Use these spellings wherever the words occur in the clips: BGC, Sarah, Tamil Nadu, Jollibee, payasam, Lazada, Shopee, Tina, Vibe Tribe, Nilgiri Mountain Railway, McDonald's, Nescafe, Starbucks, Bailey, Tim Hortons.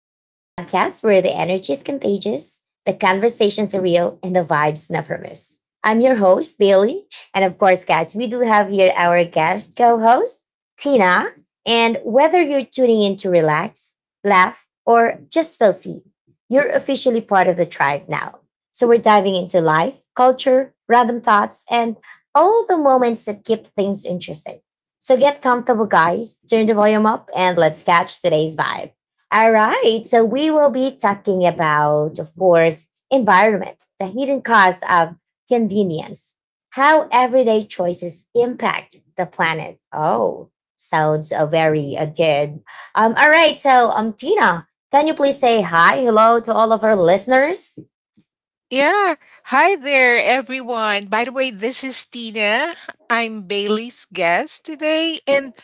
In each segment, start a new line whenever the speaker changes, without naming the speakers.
So, the podcast where the energy is contagious, the conversations are real, and the vibes never miss. I'm your host, Bailey. And of course, guys, we do have here our guest co host, Tina. And whether you're tuning in to relax, laugh, or just feel seen, you're officially part of the tribe now. So, we're diving into life, culture, random thoughts, and all the moments that keep things interesting. So get comfortable, guys. Turn the volume up and let's catch today's vibe. All right. So we will be talking about, of course, environment, the hidden cost of convenience, how everyday choices impact the planet. Oh, sounds very good. All right. So, Tina, can you please say hi, hello to all of our listeners?
Yeah. Hi there, everyone. By the way, this is Tina. I'm Bailey's guest today. And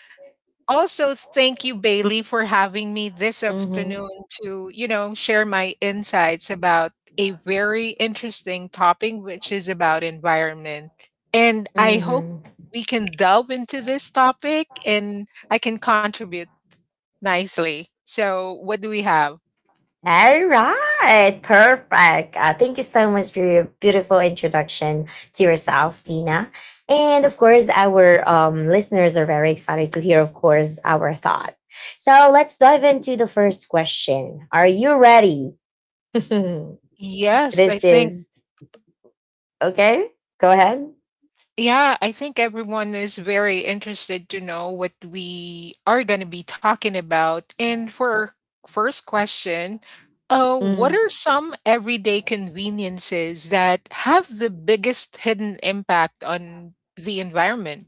also, thank you, Bailey, for having me this
Mm-hmm.
afternoon to, you know, share my insights about a very interesting topic, which is about environment. And I hope
Mm-hmm.
we can delve into this topic and I can contribute nicely. So, what do we have?
All right, perfect. Thank you so much for your beautiful introduction to yourself, Tina. And of course, our listeners are very excited to hear, of course, our thought. So let's dive into the first question. Are you ready? this
Yes, I think
is okay. Go ahead.
Yeah, I think everyone is very interested to know what we are going to be talking about. And for our first question, what
Mhm.
are some everyday conveniences that have the biggest hidden impact on the environment?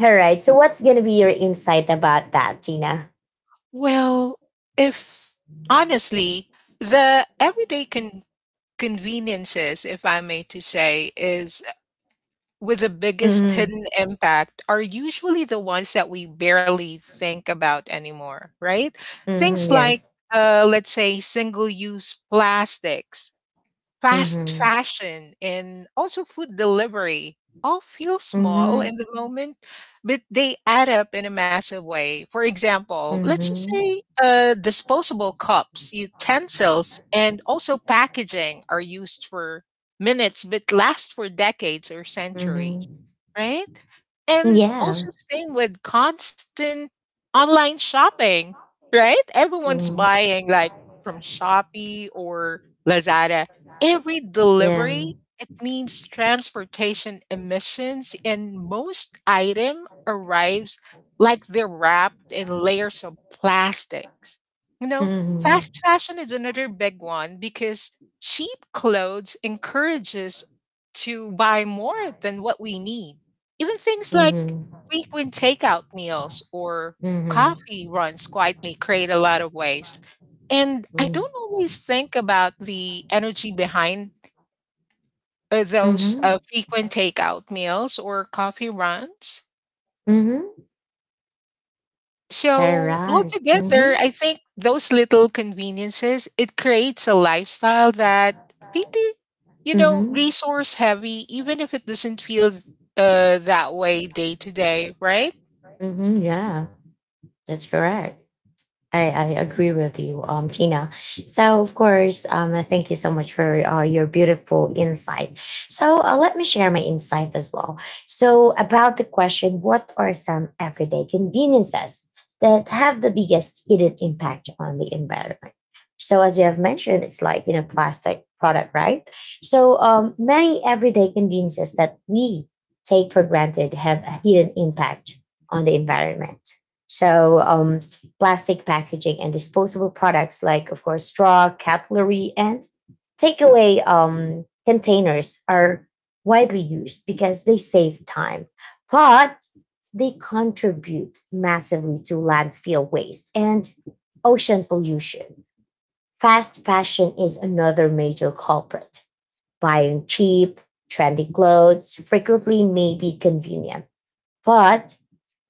All right. So, what's going to be your insight about that, Tina?
Well, if honestly, the everyday conveniences, if I may to say, is with the biggest
Mm-hmm.
hidden impact are usually the ones that we barely think about anymore, right? Things
Mm-hmm. Yes.
like, let's say, single use plastics. Fast
Mm-hmm.
fashion and also food delivery all feel small
Mm-hmm.
in the moment, but they add up in a massive way. For example, let's just
Mm-hmm.
say disposable cups, utensils, and also packaging are used for minutes but last for decades or centuries,
Mm-hmm.
right? And
Yeah.
also, same with constant online shopping, right? Everyone's
Mm-hmm.
buying like from Shopee or Lazada. Every
Yeah.
delivery, it means transportation emissions, and most item arrives like they're wrapped in layers of plastics. You know,
Mhm.
fast fashion is another big one because cheap clothes encourages to buy more than what we need. Even things like
Mhm.
frequent takeout meals or
Mhm.
coffee runs quietly create a lot of waste. And I
Mhm.
don't always think about the energy behind those
Mhm.
frequent takeout meals or coffee runs.
Mhm. All
So
right.
altogether,
Mhm.
I think those little conveniences, it creates a lifestyle that pretty, you know,
Mhm.
resource heavy, even if it doesn't feel that way day to day, right?
Mhm. Yeah. That's correct. I agree with you, Tina. So, of course, thank you so much for your beautiful insight. So, let me share my insight as well. So, about the question, what are some everyday conveniences that have the biggest hidden impact on the environment? So, as you have mentioned, it's like you know, plastic product, right? So, many everyday conveniences that we take for granted have a hidden impact on the environment. So, plastic packaging and disposable products like, of course, straw, cutlery, and takeaway containers are widely used because they save time, but they contribute massively to landfill waste and ocean pollution. Fast fashion is another major culprit. Buying cheap, trendy clothes frequently may be convenient, but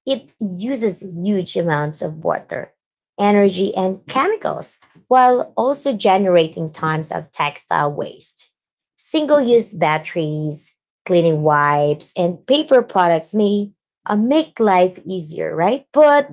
it uses huge amounts of water, energy, and chemicals while also generating tons of textile waste. Single use batteries, cleaning wipes, and paper products may make life easier, right? But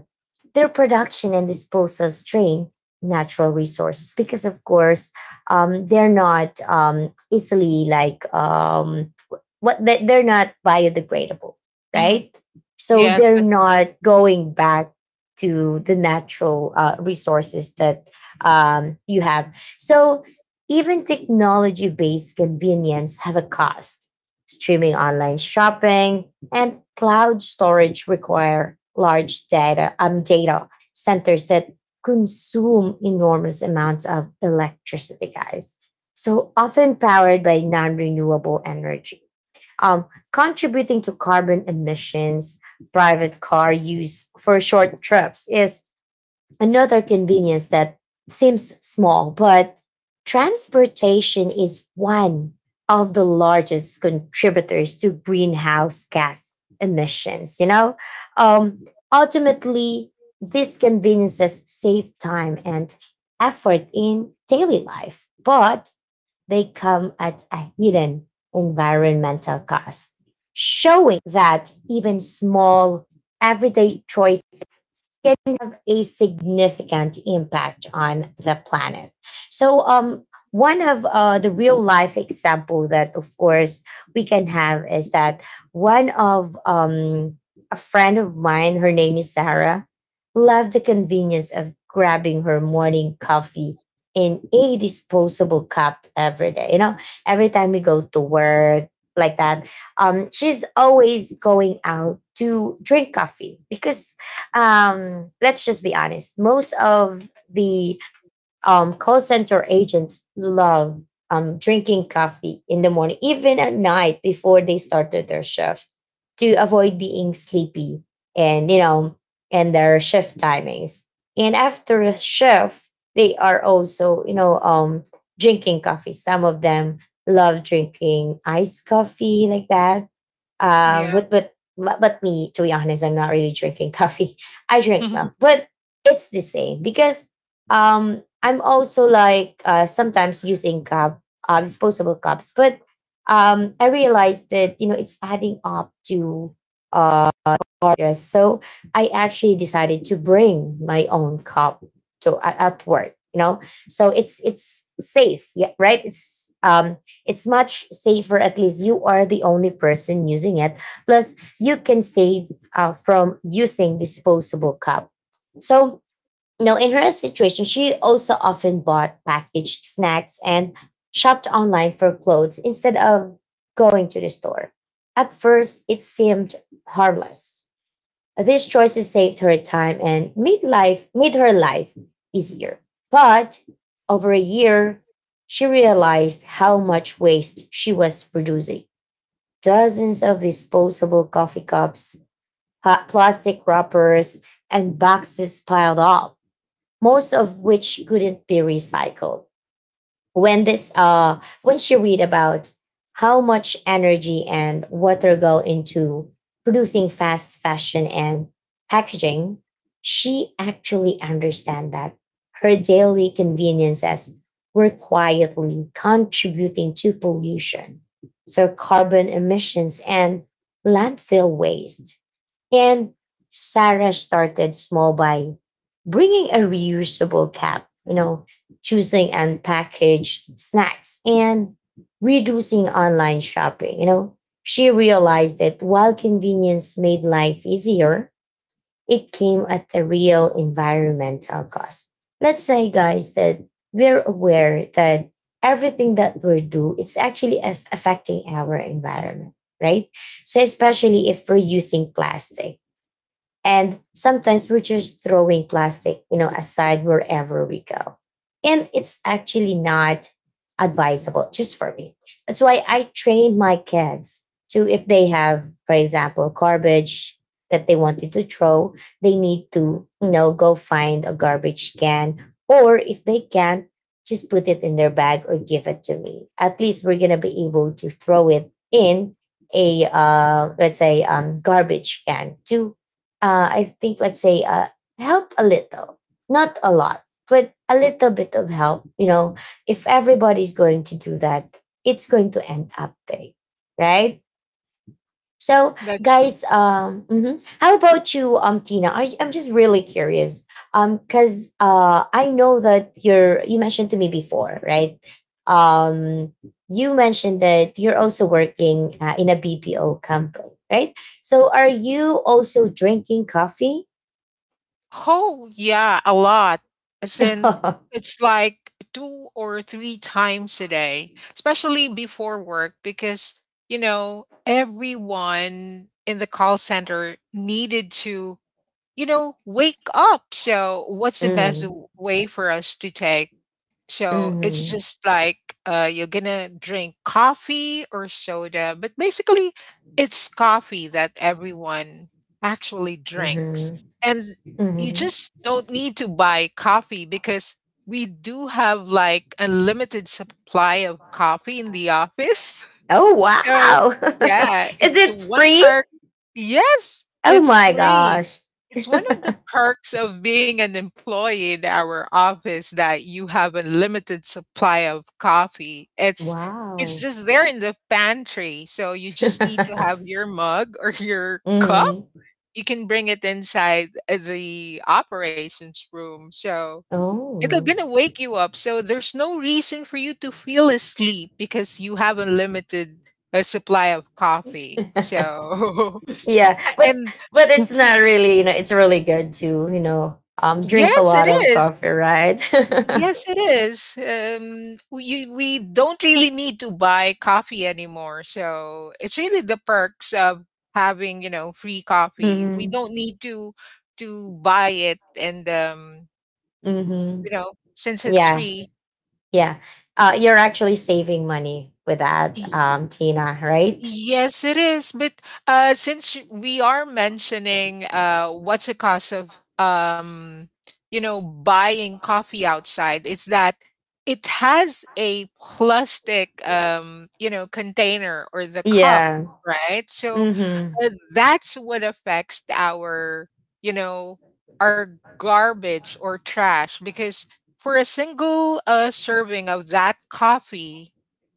their production and disposal strain natural resources because, of course, they're not easily like they're not biodegradable,
Hmm.
right? So
Yes,
they're
that's correct.
not going back to the natural resources that you have. So even technology-based convenience have a cost. Streaming online shopping and cloud storage require large data centers that consume enormous amounts of electricity, guys. So often powered by non renewable energy um, contributing to carbon emissions, private car use for short trips is another convenience that seems small, but transportation is one of the largest contributors to greenhouse gas emissions. You know, um, ultimately, these conveniences save time and effort in daily life, but they come at a hidden environmental cost, showing that even small everyday choices can have a significant impact on the planet. So, one of the real life example that, of course, we can have is that one of a friend of mine, her name is Sarah, loved the convenience of grabbing her morning coffee in a disposable cup every day. You know, every time we go to work like that, she's always going out to drink coffee because let's just be honest. Most of the call center agents love drinking coffee in the morning, even at night before they started their shift, to avoid being sleepy and you know and their shift timings. And after a shift, they are also you know drinking coffee. Some of them love drinking iced coffee like that uh,
Yeah,
but but but but me, to be honest, I'm not really drinking coffee. I drink milk, but it's the same because I'm also like sometimes using cup, disposable cups. But I realized that you know it's adding up to. Uh, artist. So I actually decided to bring my own cup to at work. You know, so it's safe, yeah, right? It's much safer. At least you are the only person using it. Plus, you can save from using disposable cup. So you know, in her situation, she also often bought packaged snacks and shopped online for clothes instead of going to the store. At first, it seemed harmless. These choices saved her time and made her life easier. But over a year, she realized how much waste she was producing. Dozens of disposable coffee cups, hot plastic wrappers, and boxes piled up, most of which couldn't be recycled when this when she read about how much energy and water go into producing fast fashion and packaging. She actually understand that her daily conveniences were quietly contributing to pollution, so carbon emissions and landfill waste. And Sarah started small by bringing a reusable cup, you know, choosing unpackaged snacks and reducing online shopping. You know, she realized that while convenience made life easier, it came at a real environmental cost. Let's say, guys, that we're aware that everything that we do, it's actually affecting our environment, right? So especially if we're using plastic. And sometimes we're just throwing plastic, you know, aside wherever we go. And it's actually not advisable just for me. That's why I trained my kids to, if they have, for example, garbage that they wanted to throw, they need to, you know, go find a garbage can. Or if they can't, just put it in their bag or give it to me. At least we're going to be able to throw it in a, let's say, garbage can to I think let's say help a little, not a lot, but a little bit of help. You know, if everybody's going to do that, it's going to end up big, right? So,
that's true.
guys, how about you, Tina? I'm just really curious, because I know that you mentioned to me before, right? Um, you mentioned that you're also working in a BPO company, right? So, are you also drinking coffee?
Oh, yeah, a lot. As in, it's like two or three times a day, especially before work, because, you know, everyone in the call center needed to, you know, wake up. So, what's the best
Mm,
way for us to take? So it's
mhm,
just like you're gonna drink coffee or soda, but basically it's coffee that everyone actually drinks.
mhm,
And you
mhm.
just don't need to buy coffee because we do have like unlimited supply of coffee in the office.
Oh,
So
wow.
yeah,
Is
it's
it
one
free?
perk. Yes,
Oh
it's
my
free.
gosh.
It's one of the perks of being an employee in our office that you have a limited supply of coffee. It's
Wow.
just there in the pantry, so you just need to have your mug or your cup.
Mhm.
You can bring it inside the operations room. So it'll
Oh.
gonna wake you up. So there's no reason for you to feel asleep because you have a limited supply of coffee. So
Yeah,
and
but it's not really, you know, it's really good to, you know, drink a
yes, it
lot of
is.
coffee, right?
Yes, it is. We don't really need to buy coffee anymore. So it's really the perks of having you know free coffee. We
Mhm.
don't need to buy it, and you
Mhm.
know since it's
Yeah.
free.
Yeah. Uh, you're actually saving money with that Tina, right?
Yes, it is. But since we are mentioning what's the cost of you know buying coffee outside, it's that it has a plastic you know container or the cup,
Yeah.
right? So
Mhm.
that's what affects our you know our garbage or trash because for a single serving of that coffee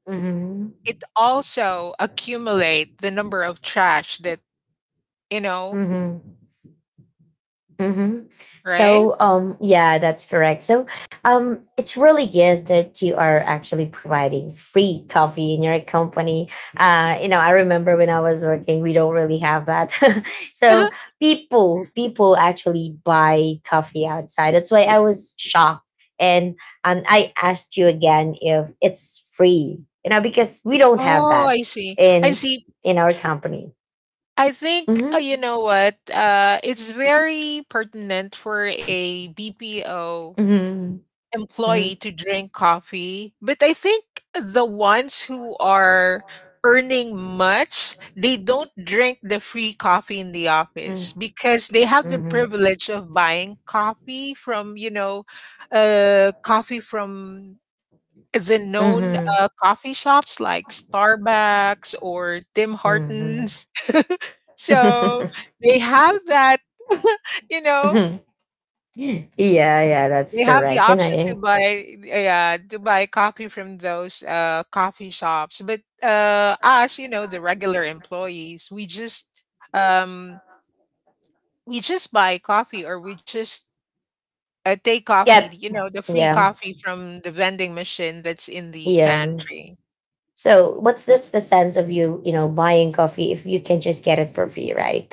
Mm-hmm.
it also accumulate the number of trash that you know,
Mm-hmm. Mm-hmm.
right?
So, yeah, that's correct. So, it's really good that you are actually providing free coffee in your company. You know, I remember when I was working, we don't really have that. So people actually buy coffee outside. That's why I was shocked, and and I asked you again if it's free. You know, because we don't have
Oh,
that
I see. I
in
see.
in our company.
I think
Mm-hmm.
you know what? It's very pertinent for a BPO
Mm-hmm.
employee
Mm-hmm.
to drink coffee, but I think the ones who are earning much, they don't drink the free coffee in the
Mm,
office because they have the
mhm,
privilege of buying coffee from, you know, coffee from the known
mhm,
coffee shops like Starbucks or Tim
mhm.
Hortons. So they have that, you know,
Mhm. Yeah, yeah,
they
that's
have the
correct. And
option to
I
buy, yeah, to buy coffee from those coffee shops. But us, you know, the regular employees, we just um, buy coffee or we just take coffee,
get,
you know, the free
yeah,
coffee from the vending machine that's in the
yeah.
pantry.
So, what's just the sense of you, you know, buying coffee if you can just get it for free, right?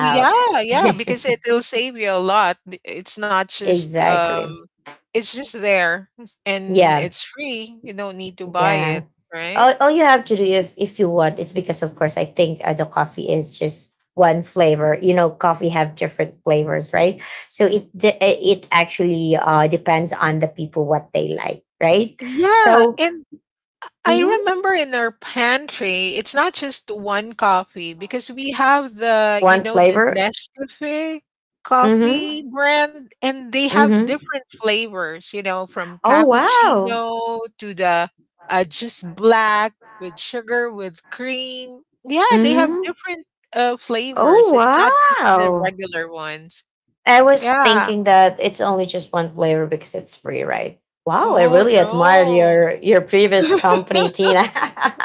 Yeah, yeah, because it, will save you a lot. It's not just
Exactly.
it's just there and
Yeah,
it's free. You don't need to buy
yeah.
it, right?
All you have to do if you want, it's because of course I think the coffee is just one flavor, you know, coffee have different flavors, right? So it actually depends on the people what they like, right?
Yeah,
So
and I
mhm,
remember in our pantry, it's not just one coffee because we have the, you
one
know, the
flavor.
Nescafe
Hmm.
coffee brand and they have
Hmm.
different flavors, you know, from
Oh wow.
cappuccino to the just black with sugar with cream. Yeah, they have
Hmm.
different
Oh
flavors. It's not just the
wow.
regular ones.
I was
Yeah.
thinking that it's only just one flavor because it's free, right? Wow, I
Oh
really admired
no.
your previous company, Tina.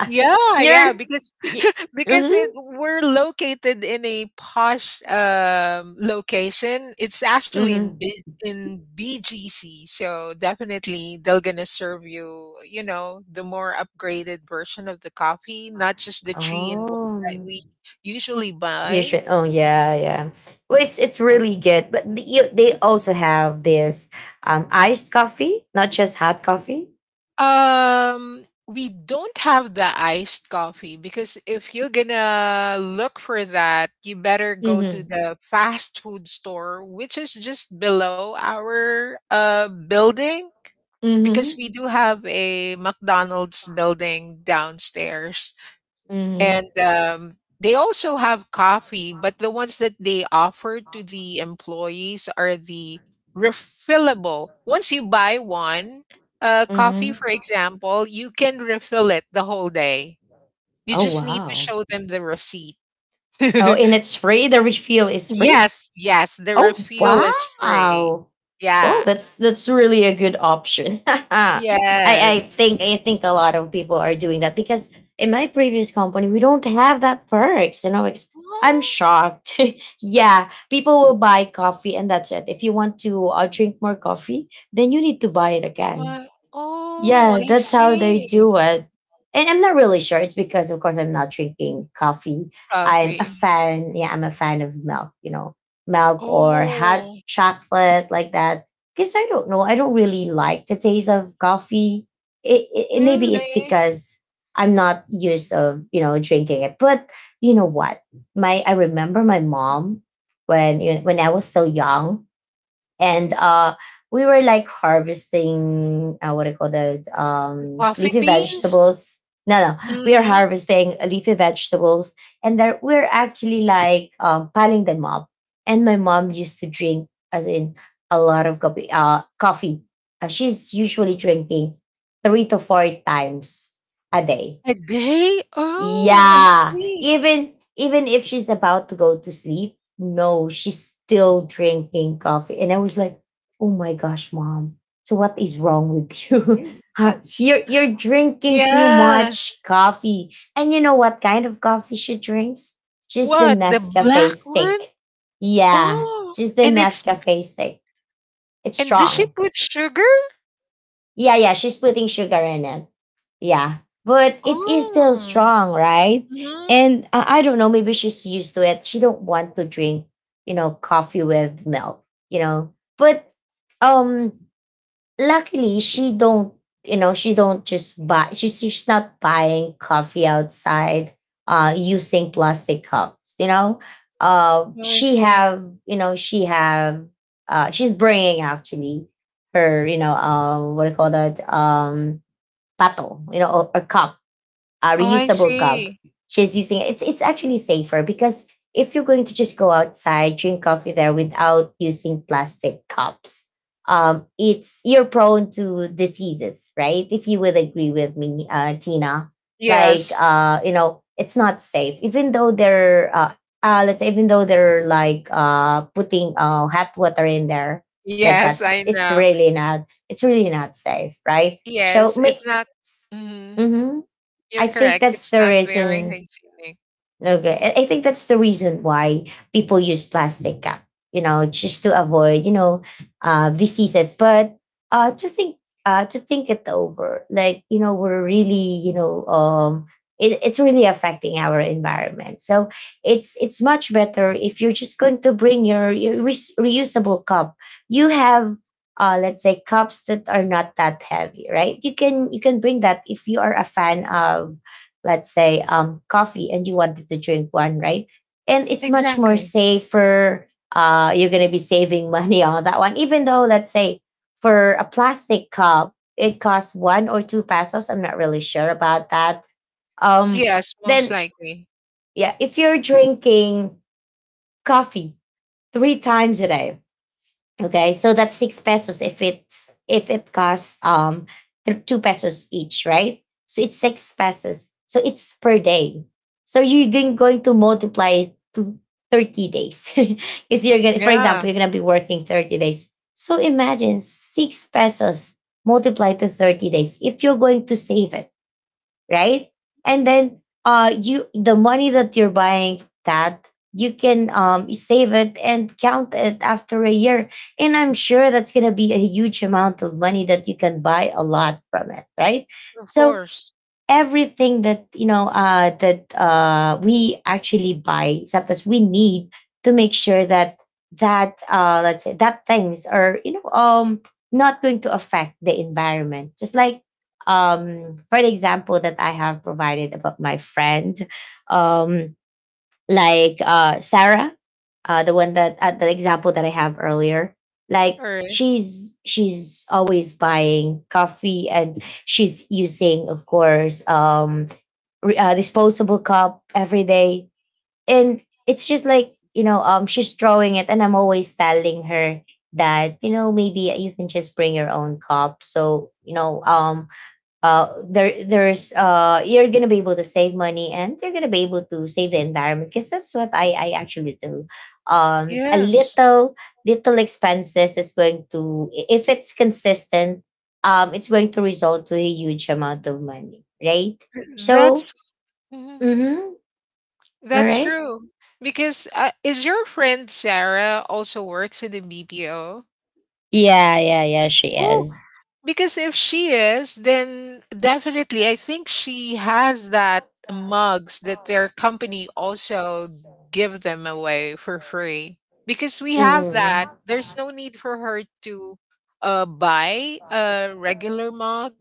Yeah, yeah,
your
because
y-
because
mhm
it we're located in a posh location. It's actually in
mhm.
BGC, so definitely they're gonna serve you, you know, the more upgraded version of the coffee, not just the tree in one that
Oh,
we usually
you
buy.
should. Oh yeah, yeah. Well, it's really good, but you, they also have this iced coffee, not just hot coffee.
We don't have the iced coffee because if you're gonna look for that, you better go to
Mhm
the fast food store, which is just below our building because
mhm
we do have a McDonald's building downstairs. And,
mhm
they also have coffee, but the ones that they offer to the employees are the refillable. Once you buy 1, coffee,
mhm.
for example, you can refill it the whole day. You
Oh
just need to
wow.
show them the receipt.
Oh, and it's free. The refill is free.
Yes, yes, the
Oh
refill is free.
wow. Well,
Yeah.
that's really a good option.
Yes.
I think a lot of people are doing that because in my previous company we don't have that perks. You know, it's, I'm
Oh,
shocked. Yeah, people will buy coffee and that's it. If you want to drink more coffee, then you need to buy it again.
what? Oh,
Yeah,
I
that's how they
see.
do it. And I'm not really sure. It's because, of course, I'm not drinking coffee. I'm a
Coffee.
fan. Yeah, I'm a fan of milk, you know, milk or hot
Oh,
chocolate like that. Because I don't know. I don't really like the taste of coffee. Maybe
really?
it's because I'm not used of, you know, drinking it. But you know what? My I remember my mom when I was still young and we were like harvesting what do you call that
The coffee
leafy
beans?
vegetables. No, no, we are
Mhm.
harvesting leafy vegetables. And there we're actually like piling them up. And my mom used to drink, as in, a lot of coffee, coffee. She's usually drinking 3 to 4 times a day.
A day? Oh, I
Yeah.
see.
Even if she's about to go to sleep, no, she's still drinking coffee. And I was like, "Oh my gosh, mom. So what is wrong with you?
And
Huh,
such.
you're drinking too
Yeah.
much coffee." And you know what kind of coffee she drinks? Just the
What, the
Nescafe
black one?
stick. Yeah,
Oh,
just the
and it's
Nescafe stick. It's
and does she
strong.
put sugar?
Yeah, yeah, she's putting sugar in it. Yeah, but it is still
Oh.
strong, right?
Mhm.
And I don't know, maybe she's used to it. She don't want to drink, you know, coffee with milk, you know. But um luckily she don't, you know, she don't just buy she's not buying coffee outside using plastic cups, you know.
Oh, I
She
see.
have, you know, she have she's bringing actually her, you know, what do you call that? Pato, you know, or cup, a
Oh, I
reusable cup.
see.
She's using, it's actually safer because if you're going to just go outside, drink coffee there without using plastic cups, it's you're prone to diseases, right? If you would agree with me, Tina, like
Yes.
you know, it's not safe. Even though they're let's say even though they're like putting hot water in there like
Yes,
that,
I
it's
know.
really not, it's really not safe, right? So
Yes,
make.
it's not mhm, you're
I think
correct.
that's
It's
the
not very
reason.
hygienic.
Okay, I think that's the reason why people use plastic cup. You know, just to avoid, you know, diseases. But to think, to think it over, like, you know, we're really, you know, it's really affecting our environment. So it's much better if you're just going to bring your reusable cup. You have let's say cups that are not that heavy, right? You can bring that if you are a fan of, let's say, coffee and you wanted to drink one, right? And it's much more
Exactly.
safer. You're going to be saving money on that one. Even though, let's say, for a plastic cup, it costs one or two pesos. I'm not really sure about that. um
Yes, most
then,
likely.
yeah, if you're drinking coffee three times a day. Okay, so that's 6 pesos if it's if it costs two pesos each, right? So it's 6 pesos. So it's per day. So you're going to multiply it to 30 days because you're gonna, for example,
Yeah,
you're gonna be working 30 days. So imagine 6 pesos multiplied to 30 days. If you're going to save it, right? And then you the money that you're buying that you can you save it and count it after a year. And I'm sure that's gonna be a huge amount of money that you can buy a lot from it, right?
of
So
course.
everything that, you know, that we actually buy, except as we need, to make sure that let's say that things are, you know, not going to affect the environment, just like, for the example that I have provided about my friend, um like Sarah, the one that the example that I have earlier, like,
Alright.
she's always buying coffee and she's using, of course, disposable cup every day. And it's just like, you know, she's throwing it and I'm always telling her that, you know, maybe you can just bring your own cup, so, you know, there's you're gonna be able to save money and you're gonna be able to save the environment, because that's what I actually do. A
Yes,
little expenses is going to if it's consistent, it's going to result to a huge amount of money, right? So
that's mhm,
mm-hmm. All
that's
right.
true. Because is your friend Sarah also works in the BPO?
Yeah, yeah, yeah, she
Oh,
is.
because if she is, then definitely I think she has that mugs that their company also give them away for free. Because we have that. There's
Mm-hmm.
no need for her to buy a regular mug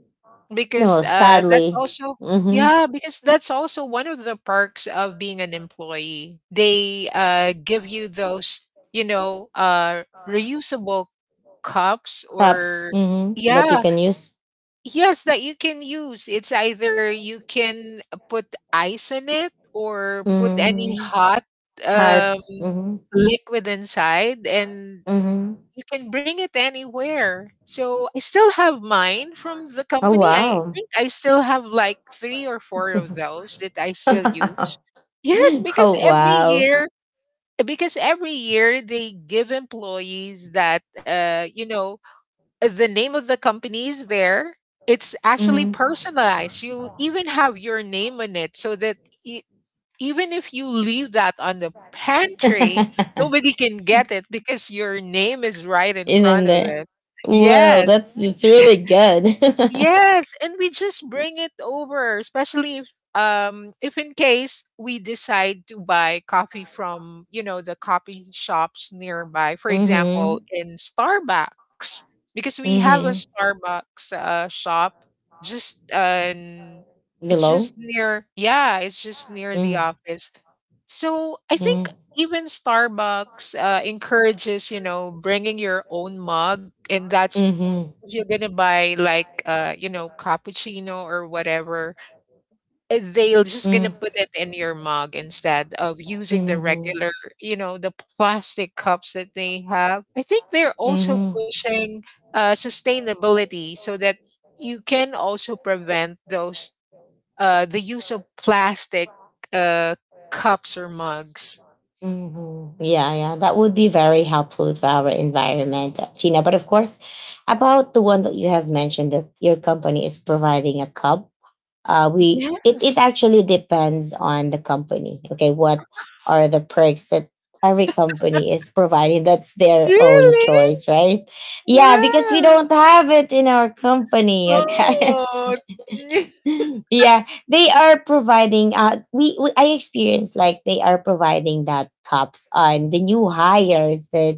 because
No,
that's
sadly.
also
Hmm.
yeah because that's also one of the perks of being an employee they give you those you know reusable cups or
Taps, hmm, that
yeah
you can use.
yes that you can use it's either you can put ice on it or put any
Hmm.
hot
Hat.
um,
Hmm.
liquid inside and
Hmm.
you can bring it anywhere. So I still have mine from the
Oh,
company. I
wow.
think I still have like three or four of those that I still use. Yes,
Oh, wow.
because every year they give employees that, you know, the name of the company is there. It's actually
Mhm.
personalized. You even have your name on it so that i- even if you leave that on the pantry, nobody can get it because your name is right in front
Isn't
of
there?
it.
Well,
Yes,
that's it's really good.
yes, and we just bring it over, especially if in case we decide to buy coffee from, you know, the coffee shops nearby, for example,
Mm-hmm.
in Starbucks, because we have a
Mhm.
Starbucks shop just in it's just
Below.
near, yeah, it's just near the
Mm.
office. So I think
Mm.
even Starbucks encourages, you know, bringing your own mug, and that's
Mhm.
if you're gonna buy like, you know, cappuccino or whatever, eh, they'll just gonna
Mm.
put it in your mug instead of using the
Mhm.
regular, you know, the plastic cups that they have. I think they're also
Mhm.
pushing sustainability so that you can also prevent those the use of plastic uh, cups or mugs.
Mhm. Yeah, yeah, that would be very helpful to our environment, Tina. But of course, about the one that you have mentioned that your company is providing a cup, we it
Yes.
actually depends on the company. Okay, what are the perks that every company is providing? That's their own
Really?
choice, right? Yeah, because we
Wow.
don't have it in our company. Okay,
Oh.
yeah they are providing we I experienced like they are providing that cops on the new hires that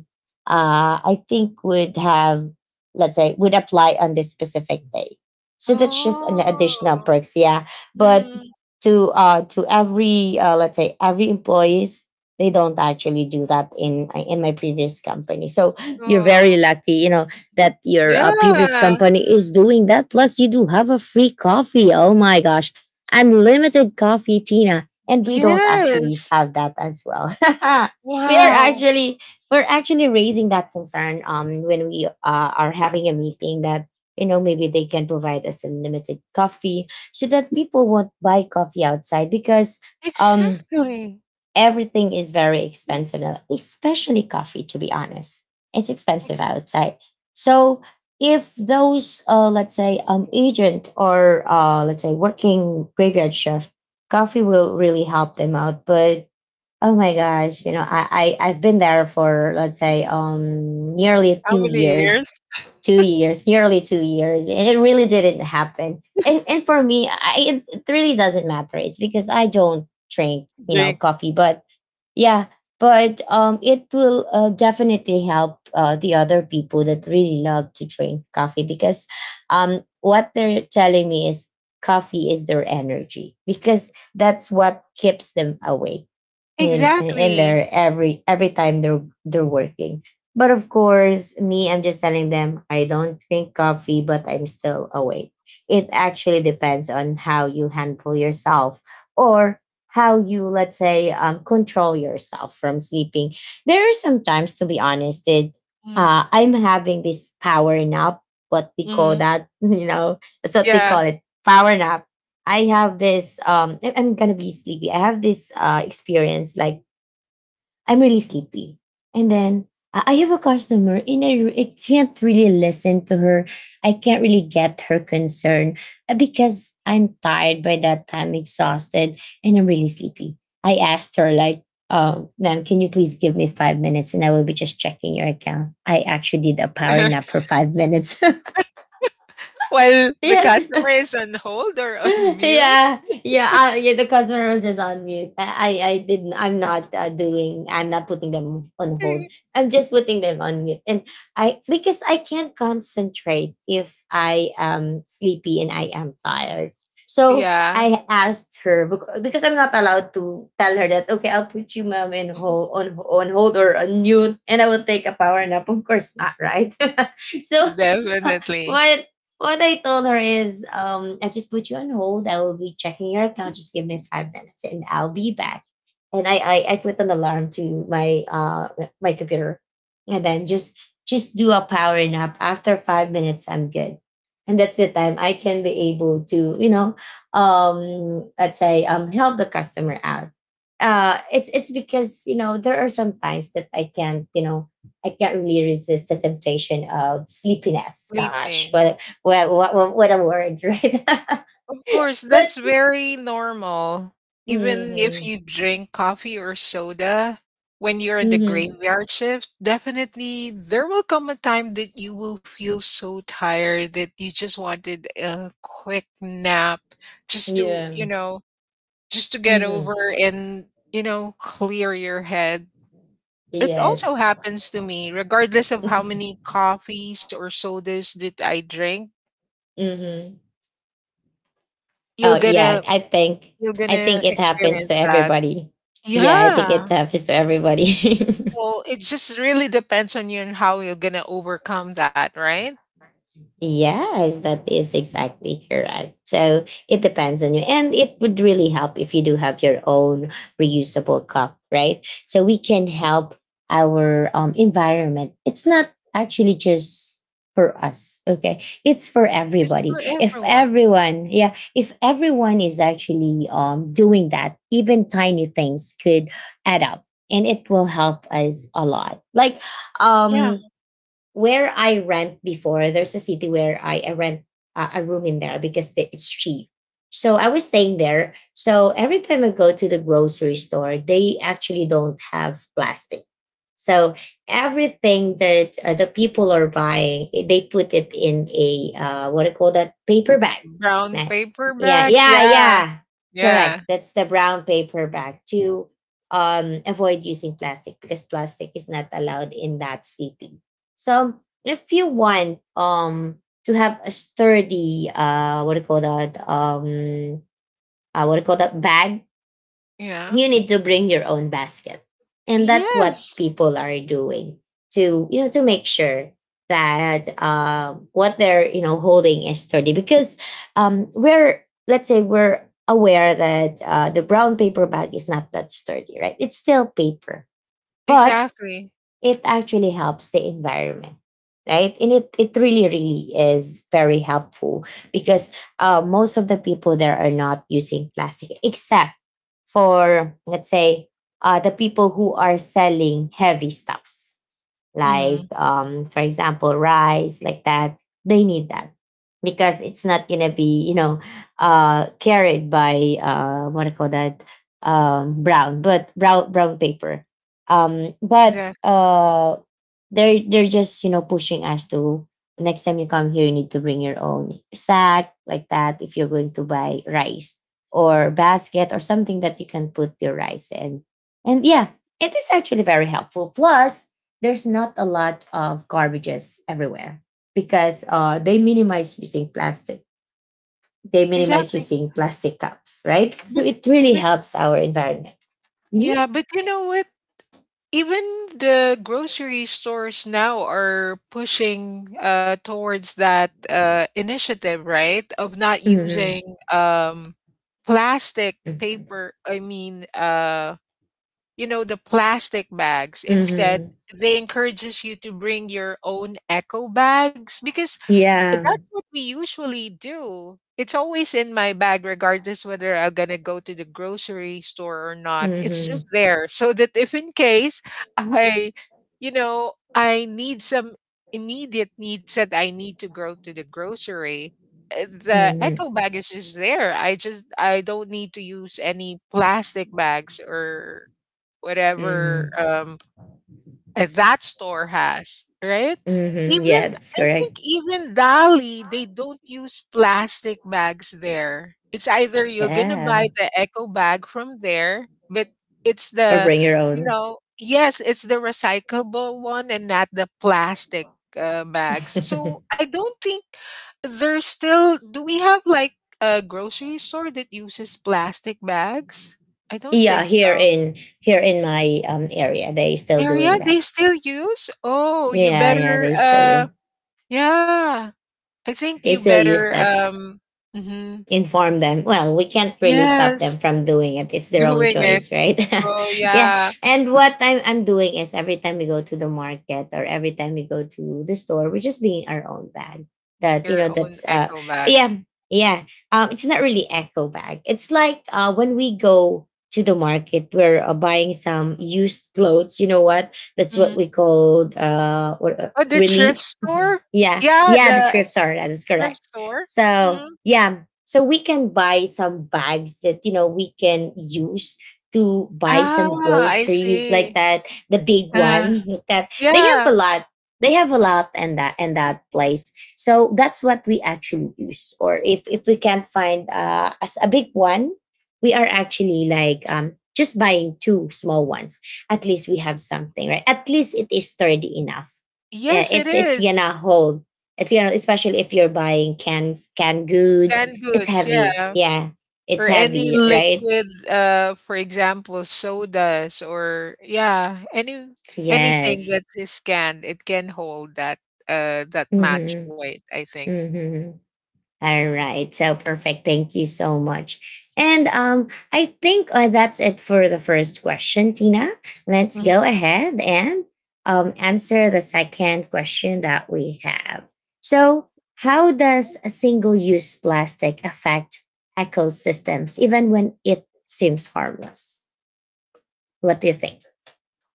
I think would have, let's say, would apply on this specific day. So that's just an additional
Oh.
perks, yeah. But
Mhm.
to every let's say every employees, they don't actually do that in my previous company. So you're
Oh.
very lucky, you know, that your
Yeah.
previous company is doing that. Plus, you do have a free coffee. Oh my gosh, unlimited coffee, Tina. And we don't actually
Yes.
have that as well. We are
Wow.
actually we're actually raising that concern when we are having a meeting that, you know, maybe they can provide us unlimited coffee so that people won't buy coffee outside, because um
Exactly.
everything is very expensive now, especially coffee, to be honest. It's expensive
Ex-
outside. So if those let's say agent or let's say working graveyard shift, coffee will really help them out. But oh my gosh, you know, I I've been there for, let's say, nearly
How
two
many years?
years Nearly 2 years, and it really didn't happen. And for me, it it really doesn't matter. It's because I don't drink, you know,
Drink.
coffee. But yeah, but it will definitely help the other people that really love to drink coffee, because what they're telling me is coffee is their energy, because that's what keeps them awake in
Exactly.
there every time they're working. But of course, me, I'm just telling them I don't drink coffee, but I'm still awake. It actually depends on how you handle yourself, or how you, let's say, control yourself from sleeping. There are sometimes, to be honest, that
Mm.
I'm having this power nap, what we call
Hmm.
that, you know, that's what we
Yeah.
call it, power nap. I have this I'm gonna be sleepy. I have this experience like I'm really sleepy. And then I have a customer and I can't really listen to her. I can't really get her concern, because I'm tired by that time, exhausted, and I'm really sleepy. I asked her like, ma'am, can you please give me 5 minutes and I will be just checking your account? I actually did a power nap for 5 minutes.
While the
Yes.
customer is on hold or on mute.
Yeah, yeah, yeah. The customer was just on mute. I didn't. I'm not doing. I'm not putting them on hold. I'm just putting them on mute, and I, because I can't concentrate if I am sleepy and I am tired. So
Yeah,
I asked her because I'm not allowed to tell her that. Okay, I'll put you, mom, in hold on hold or on mute, and I will take a power nap. Of course not, right? So
definitely.
what what I told her is, I just put you on hold. I will be checking your account. Just give me 5 minutes, and I'll be back. And I put an alarm to my my computer, and then just do a power nap. After 5 minutes, I'm good, and that's the time I can be able to, you know, let's say help the customer out. It's because, you know, there are some times that I can't, you know, I can't really resist the temptation of sleepiness. Gosh,
Sleeping.
what a word, right?
Of course,
But
that's very normal. Even if
mm-hmm,
you drink coffee or soda when you're in the
mm-hmm,
graveyard shift, definitely there will come a time that you will feel so tired that you just wanted a quick nap just to, you
yeah.
know, just to get over
Mhm.
and, you know, clear your head. It also
Yes.
happens to me, regardless of how many coffees or sodas that I drink,
Mm-hmm.
you're
Oh yeah,
gonna you're
I
gonna
think it happens
experience
to
that.
everybody. Yeah, I think
Yeah.
it happens to everybody.
So it just really depends on you and how you're gonna overcome that, right?
Yes, that is exactly correct. So it depends on you. And it would really help if you do have your own reusable cup, right? So we can help our environment. It's not actually just for us, okay? It's for
It's
everybody.
for
If
everyone.
everyone, yeah, if everyone is actually doing that, even tiny things could add up and it will help us a lot. Like,
Yeah.
um, where I rent before, there's a city where I rent a room in there because it's cheap. So I was staying there. So every time I go to the grocery store, they actually don't have plastic. So everything that the people are buying, they put it in a what do you call that, paper bag.
Brown
Nah.
paper
Yeah,
bag.
yeah,
Yeah.
yeah.
Yeah.
Correct. That's the brown paper bag to avoid using plastic because plastic is not allowed in that city. So if you want to have a sturdy what do you call that, what do you call that bag,
Yeah.
you need to bring your own basket, and that's what
Yes.
people are doing to to make sure that what they're holding is sturdy because we're, let's say, we're aware that the brown paper bag is not that sturdy, right? It's still paper, but
Exactly.
it actually helps the environment, right? And it really really is very helpful because most of the people there are not using plastic, except for, let's say, the people who are selling heavy stuffs, like
Mhm.
for example, rice, like that, they need that because it's not gonna be, you know, carried by what do you call that, brown paper, um but
Exactly.
uh they're just, you know, pushing us to, next time you come here you need to bring your own sack, like that, if you're going to buy rice or basket or something that you can put your rice in. And yeah, it is actually very helpful. Plus, there's not a lot of garbages everywhere because they minimize using plastic, they minimize
Exactly.
using plastic cups, right? So
But
it really
but
helps our environment.
yeah, but you know what? Even the grocery stores now are pushing towards that initiative, right? Of not using
Hmm.
plastic paper. I mean, you know, the plastic bags. Instead,
Hmm.
they encourages you to bring your own eco bags because that's
Yeah.
what we usually do. It's always in my bag, regardless whether I'm gonna go to the grocery store or not. It's
Mm-hmm.
just there. So that if in case I, I need some immediate needs that I need to go to the grocery, the
Mm-hmm.
eco bag is just there. I don't need to use any plastic bags or whatever
Mm-hmm.
that store has, right?
Mm-hmm.
Even
Yeah, that's
I think
correct.
even Dali, they don't use plastic bags there. It's either you're gonna
Yeah.
buy the eco bag from there, but it's
Or
the
bring your
you
own.
know, yes, it's the recyclable one and not the plastic bags. So I don't think there's still do we have like a grocery store that uses plastic bags? I don't
yeah,
think so.
here in my area, they still
Area
doing that.
they still use? Oh, you
Yeah, yeah,
better,
they still do.
yeah. I think
They
you
still use
better,
that.
mhm.
Inform them. Well, we can't really stop them
Yes,
from doing it. It's their own
doing it.
choice, right?
Oh,
yeah.
yeah,
And what I'm doing is every time we go to the market or every time we go to the store, we're just bringing our own bag. That, you
your
know,
own
that's,
eco bags.
yeah, yeah. It's not really echo bag. It's like, when we go to the market, we're buying some used clothes. You know what? That's what
Mhm.
we called,
Oh, the
relief.
thrift
Mhm.
store?
Yeah.
Yeah,
Yeah. The
the
thrift store. That is
thrift
correct.
store?
So
Mhm.
yeah, so we can buy some bags that, you know, we can use to buy
Ah,
some
I
groceries, like
see.
that. The big
Uh,
one, like that, they have
yeah.
a lot. They have a lot and that, and that place. So that's what we actually use. Or if we can't find as a big one, we are actually like, just buying two small ones. At least we have something, right? At least it is sturdy enough.
Yes, it
It's gonna
is.
hold, it's gonna, especially if you're buying canned goods,
Canned
it's
goods,
heavy.
yeah.
Yeah. It's
Or any
heavy, right?
liquid, for example sodas, or yeah, any anything
Yes.
that is scanned, it can hold that, that match
Mhm.
weight, I think.
Mhm. All right. So perfect. Thank you so much. And I think that's it for the first question, Tina. Let's
Mhm.
go ahead and answer the second question that we have. So, how does a single-use plastic affect ecosystems even when it seems harmless? What do you think?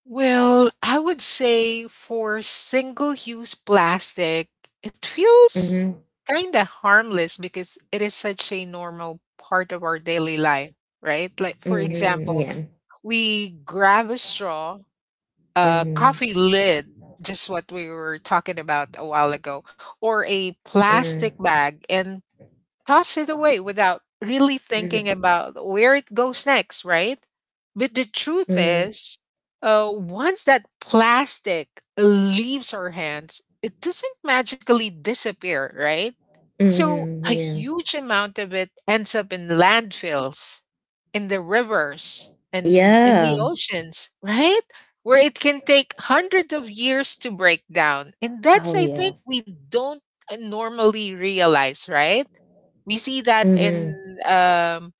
Well, I would say for single use plastic, it feels
Mhm.
kind of harmless because it is such a normal part of our daily life, right? Like for
Mhm.
example,
Yeah.
we grab a straw, a
Mhm.
coffee lid, just what we were talking about a while ago, or a plastic
Mhm.
bag, and toss it away without really thinking
Mhm.
about where it goes next, right? But the truth
Mhm.
is, once that plastic leaves our hands, it doesn't magically disappear, right? So a
Mhm. Yeah.
huge amount of it ends up in landfills, in the rivers, and in the
Yeah.
oceans, right? Where it can take hundreds of years to break down. And that's,
Oh
I
yeah.
think, we don't normally realize, right? We see that
Mhm.
um,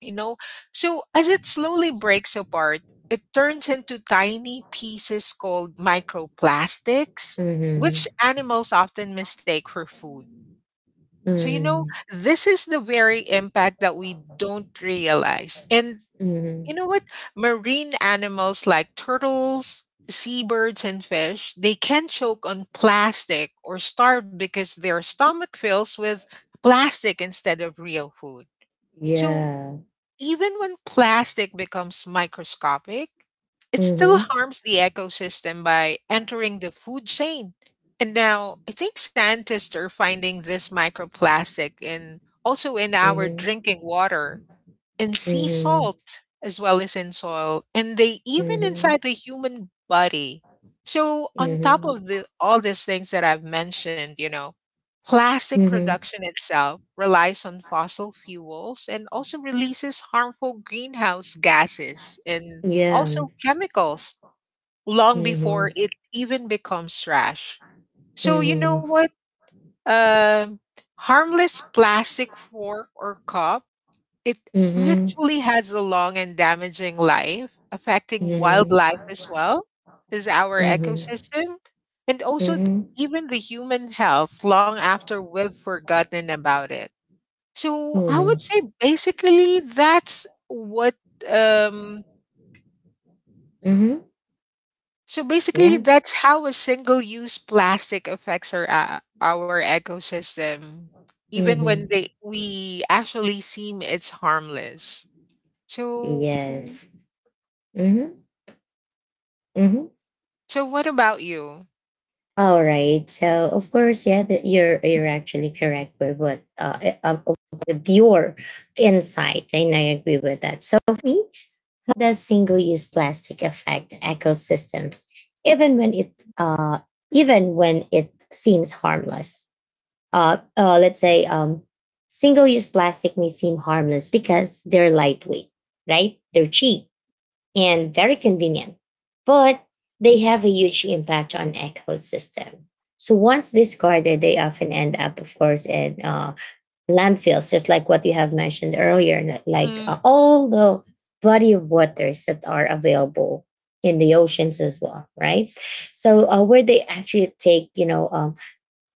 you know, so as it slowly breaks apart, it turns into tiny pieces called microplastics, which
Mhm.
animals often mistake for food. So, you know,
Mhm.
this is the very impact that we don't realize. And you
Mhm.
know what? Marine animals like turtles, seabirds, and fish, they can choke on plastic or starve because their stomach fills with plastic instead of real food. So,
Yeah.
even when plastic becomes microscopic, it still
Mhm.
harms the ecosystem by entering the food chain. And now I think scientists are finding this microplastic in also in our
Mhm.
drinking water, in sea
Mhm.
salt, as well as in soil, and they even
Mhm.
inside the human body. So on top
Mhm.
of the all these things that I've mentioned, you know, plastic
Mhm.
production itself relies on fossil fuels and also releases harmful greenhouse gases and
Yeah.
also chemicals long before
Mhm.
it even becomes trash. So you know
Mhm.
what, um harmless plastic fork or cup, it
Mhm.
actually has a long and damaging life, affecting
Mhm.
wildlife as well as our
Mhm.
ecosystem, and also
Mhm.
even the human health long after we've forgotten about it. So I would
Mhm.
say basically that's what um
Mhm.
so basically
Yeah.
that's how a single use plastic affects our ecosystem even when
Mhm.
they we actually seem it's harmless. So
Yes. Mhm. Mhm.
What about you?
All right. So of course, yeah, that you're actually correct with what, with your insight, and I agree with that. So for me, how does single-use plastic affect ecosystems, even when it seems harmless? Let's say, single-use plastic may seem harmless because they're lightweight, right? They're cheap and very convenient, but they have a huge impact on ecosystem. So once discarded, they often end up, of course, in landfills, just like what you have mentioned earlier, like
Mm,
all the body of waters that are available in the oceans as well, right? So where they actually take, you know,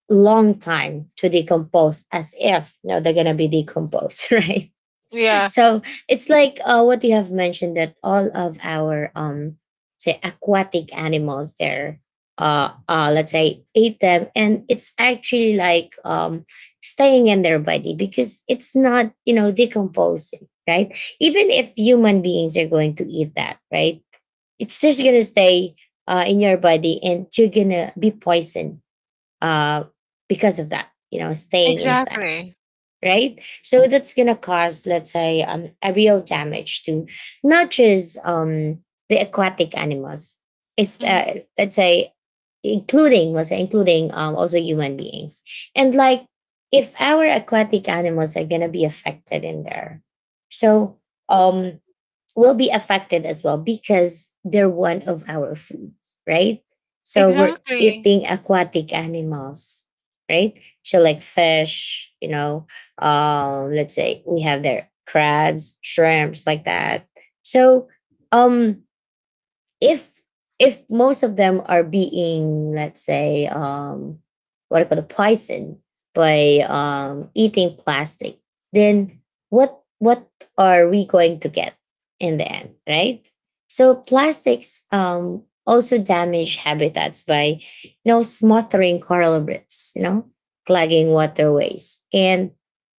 long time to decompose, as if, you know, they're going to be decomposed, right?
yeah,
So it's like, what you have mentioned, that all of our say aquatic animals there let's say eat them, and it's actually like, staying in their body because it's not, you know, decomposing, right? Even if human beings are going to eat that, right? It's just gonna stay in your body, and you're gonna be poisoned uh because of that, you know, staying inside,
exactly.
right? So that's gonna cause, let's say, a real damage to not just the aquatic animals, it's,
Mm,
let's say, including, let's say, including also human beings, and like, if our aquatic animals are gonna be affected in there, so Mm. Will be affected as well because they're one of our foods, right? So we're
exactly,
eating aquatic animals, right? So like fish, you know, let's say we have their crabs, shrimps, like that. So um if most of them are being, let's say, what I call, the poison by eating plastic, then what are we going to get in the end, right? So plastics also damage habitats by, you know, smothering coral reefs, you know, clogging waterways, and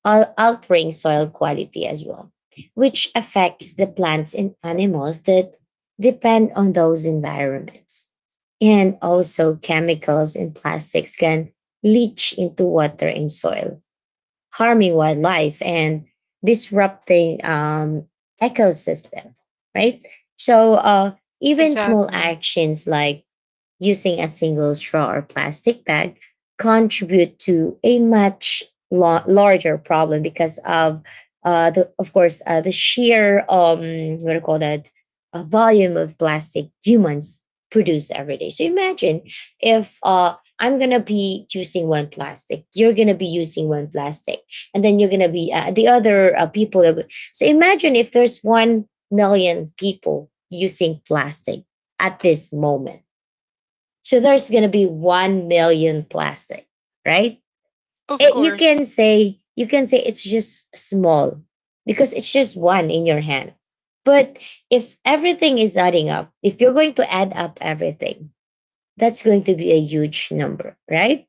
altering soil quality as well, which affects the plants and animals that depend on those environments. And also, chemicals and plastics can leach into water and soil, harming wildlife and disrupting ecosystem. Right. So, even small
exactly.
actions like using a single straw or plastic bag contribute to a much larger problem because of the sheer what do you call that, volume of plastic humans produce every day. So imagine if I'm gonna be using one plastic, you're gonna be using one plastic, and then you're gonna be the other people. That would, so imagine if there's 1 million people using plastic at this moment. So there's going to be 1 million plastic, right?
Of
It, you
course,
can say, it's just small because it's just one in your hand. But if everything is adding up, if you're going to add up everything, that's going to be a huge number, right?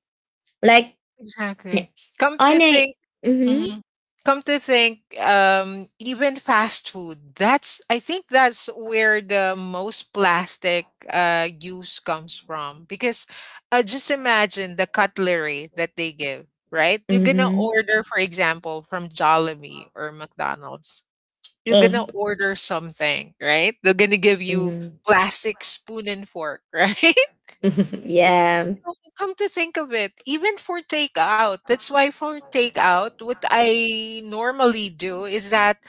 Like
exactly. Come to
on
think,
a mm-hmm,
mhm, come to think, even fast food. That's I think that's where the most plastic use comes from because just imagine the cutlery that they give. Right, you're gonna
mm-hmm,
order, for example, from Jollibee or McDonald's. You're
uh,
gonna order something, right? They're gonna give you
mm-hmm,
plastic spoon and fork, right?
yeah,
So, come to think of it, even for takeout, that's why for takeout, what I normally do is that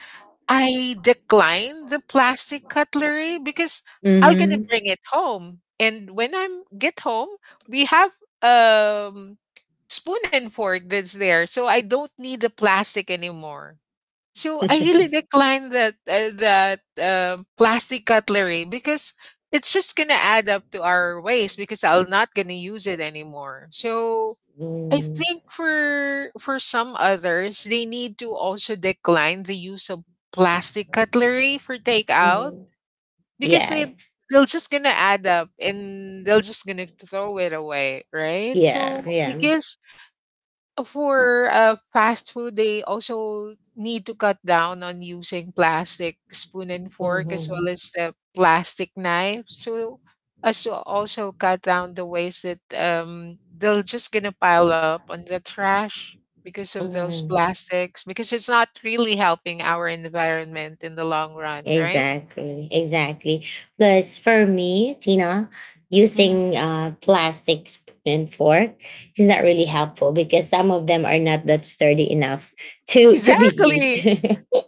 I decline the plastic cutlery because I'm gonna
mm-hmm,
bring it home. And when I get home, we have um spoon and fork that's there. So I don't need the plastic anymore. So I really declined that plastic cutlery because it's just gonna add up to our waste because I'm not gonna use it anymore. So I think for some others, they need to also decline the use of plastic cutlery for takeout
mm-hmm,
because
yeah,
they're just gonna add up and they're just gonna throw it away, right?
yeah,
So I
yeah.
guess for fast food, they also need to cut down on using plastic spoon and fork as
Mm-hmm.
well as the plastic knife. So, as to also cut down the waste that they're just gonna pile up on the trash because of those
Mm-hmm.
plastics, because it's not really helping our environment in the long run, right?
Exactly, exactly. Plus, for me, Tina,
Mhm.
using plastic spoon and fork is not really helpful because some of them are not that sturdy enough to be used.
Exactly,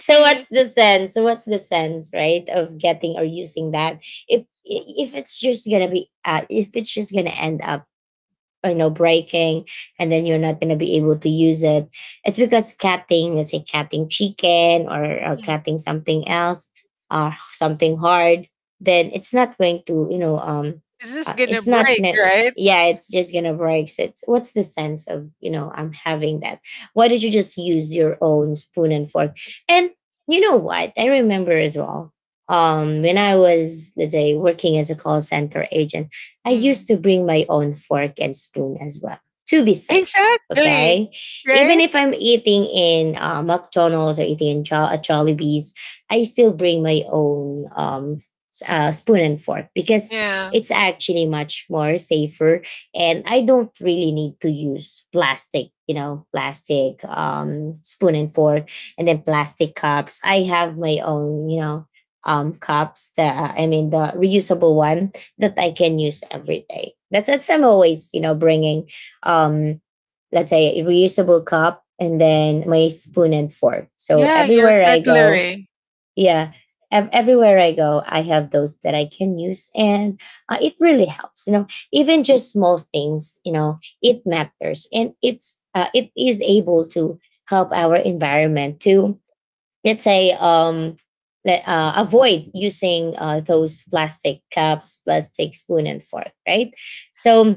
so what's the sense? So what's the sense, right, of getting or using that, if it's just gonna be, if it's just gonna end up, you know, breaking, and then you're not going to be able to use it, it's because cutting, let's say, cutting chicken or
Mm.
cutting something else, or something hard, then it's not going to, you know,
It's just gonna
it's not
break,
ne-
right?
yeah, it's just gonna break. So it's, what's the sense of, you know, I'm having that? Why don't you just use your own spoon and fork? And you know what I remember as well, when I was, let's say, working as a call center agent, I used
Mm.
to bring my own fork and spoon as well, to be safe.
Exactly,
Okay. Even
right?
if I'm eating in, McDonald's, or eating in, Jollibee's, I still bring my own, spoon and fork, because
Yeah.
it's actually much more safer. And I don't really need to use plastic, you know, plastic spoon and fork, and then plastic cups. I have my own, you know, cups, I mean, the reusable one, that I can use every day. That's I'm always, you know, bringing, um, let's say, a reusable cup, and then my spoon and fork. So
Yeah, your
everywhere I go,
cutlery.
yeah, everywhere I go, I have those that I can use, and it really helps. You know, even just small things, you know, it matters, and it's it is able to help our environment to, let's say, avoid using those plastic cups, plastic spoon and fork, right? So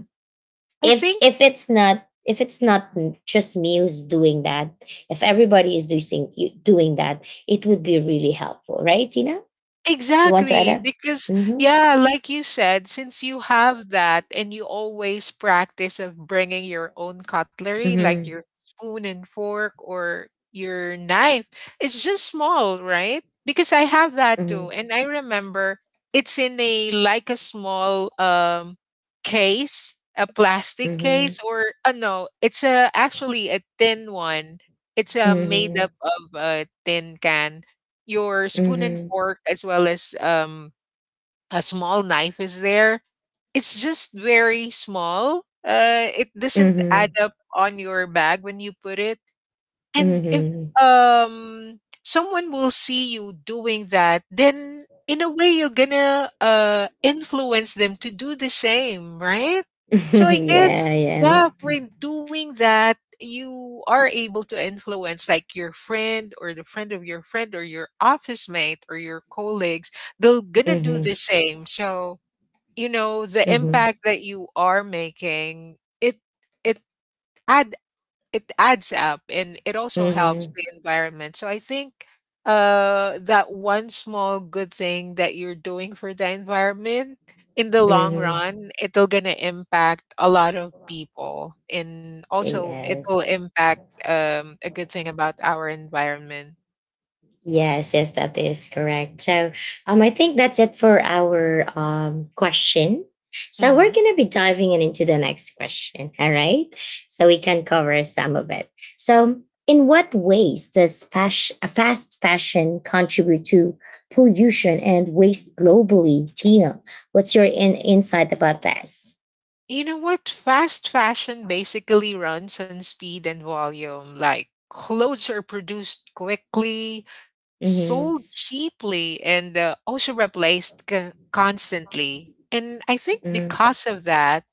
I
if
think
if it's not just me who's doing that, if everybody is doing that, it would be really helpful, right, Tina? You want to add
exactly,
up.
because
Mm-hmm.
yeah, like you said, since you have that and you always practice of bringing your own cutlery, like
Mm-hmm.
your spoon and fork or your knife, it's just small, right? Because I have that too,
Mm-hmm.
and I remember it's in a like a small case, a plastic case, or no, it's a actually a tin one. It's made
Mm-hmm.
up of a tin can, your spoon and
Mm-hmm.
fork as well as a small knife is there. It's just very small. It doesn't
Mm-hmm.
add
Mm-hmm.
up on your bag when you put it. And if
Mm-hmm.
someone will see you doing that, then in a way you're gonna influence them to do the same, right? So I guess
yeah, yeah.
yeah, for doing that, you are able to influence like your friend or the friend of your friend or your office mate or your colleagues. They're gonna do
Mm-hmm.
the same. So you know the
Mm-hmm.
impact that you are making. It add it adds up and it also helps
Mm-hmm.
the environment. So I think that one small good thing that you're doing for the environment in the long
Mm-hmm.
run, it'll gonna impact a lot of people, and also it will
Yes.
impact a good thing about our environment.
Yes, yes, that is correct. So, I think that's it for our question. So we're
Hmm.
gonna be diving in into the next question. All right, so we can cover some of it. So, in what ways does fast fashion contribute to pollution and waste globally, Tina? What's your insight about this?
You know what, fast fashion basically runs on speed and volume, like clothes are produced quickly,
Mm-hmm,
sold cheaply, and also replaced constantly. And I think
mm-hmm,
because of that,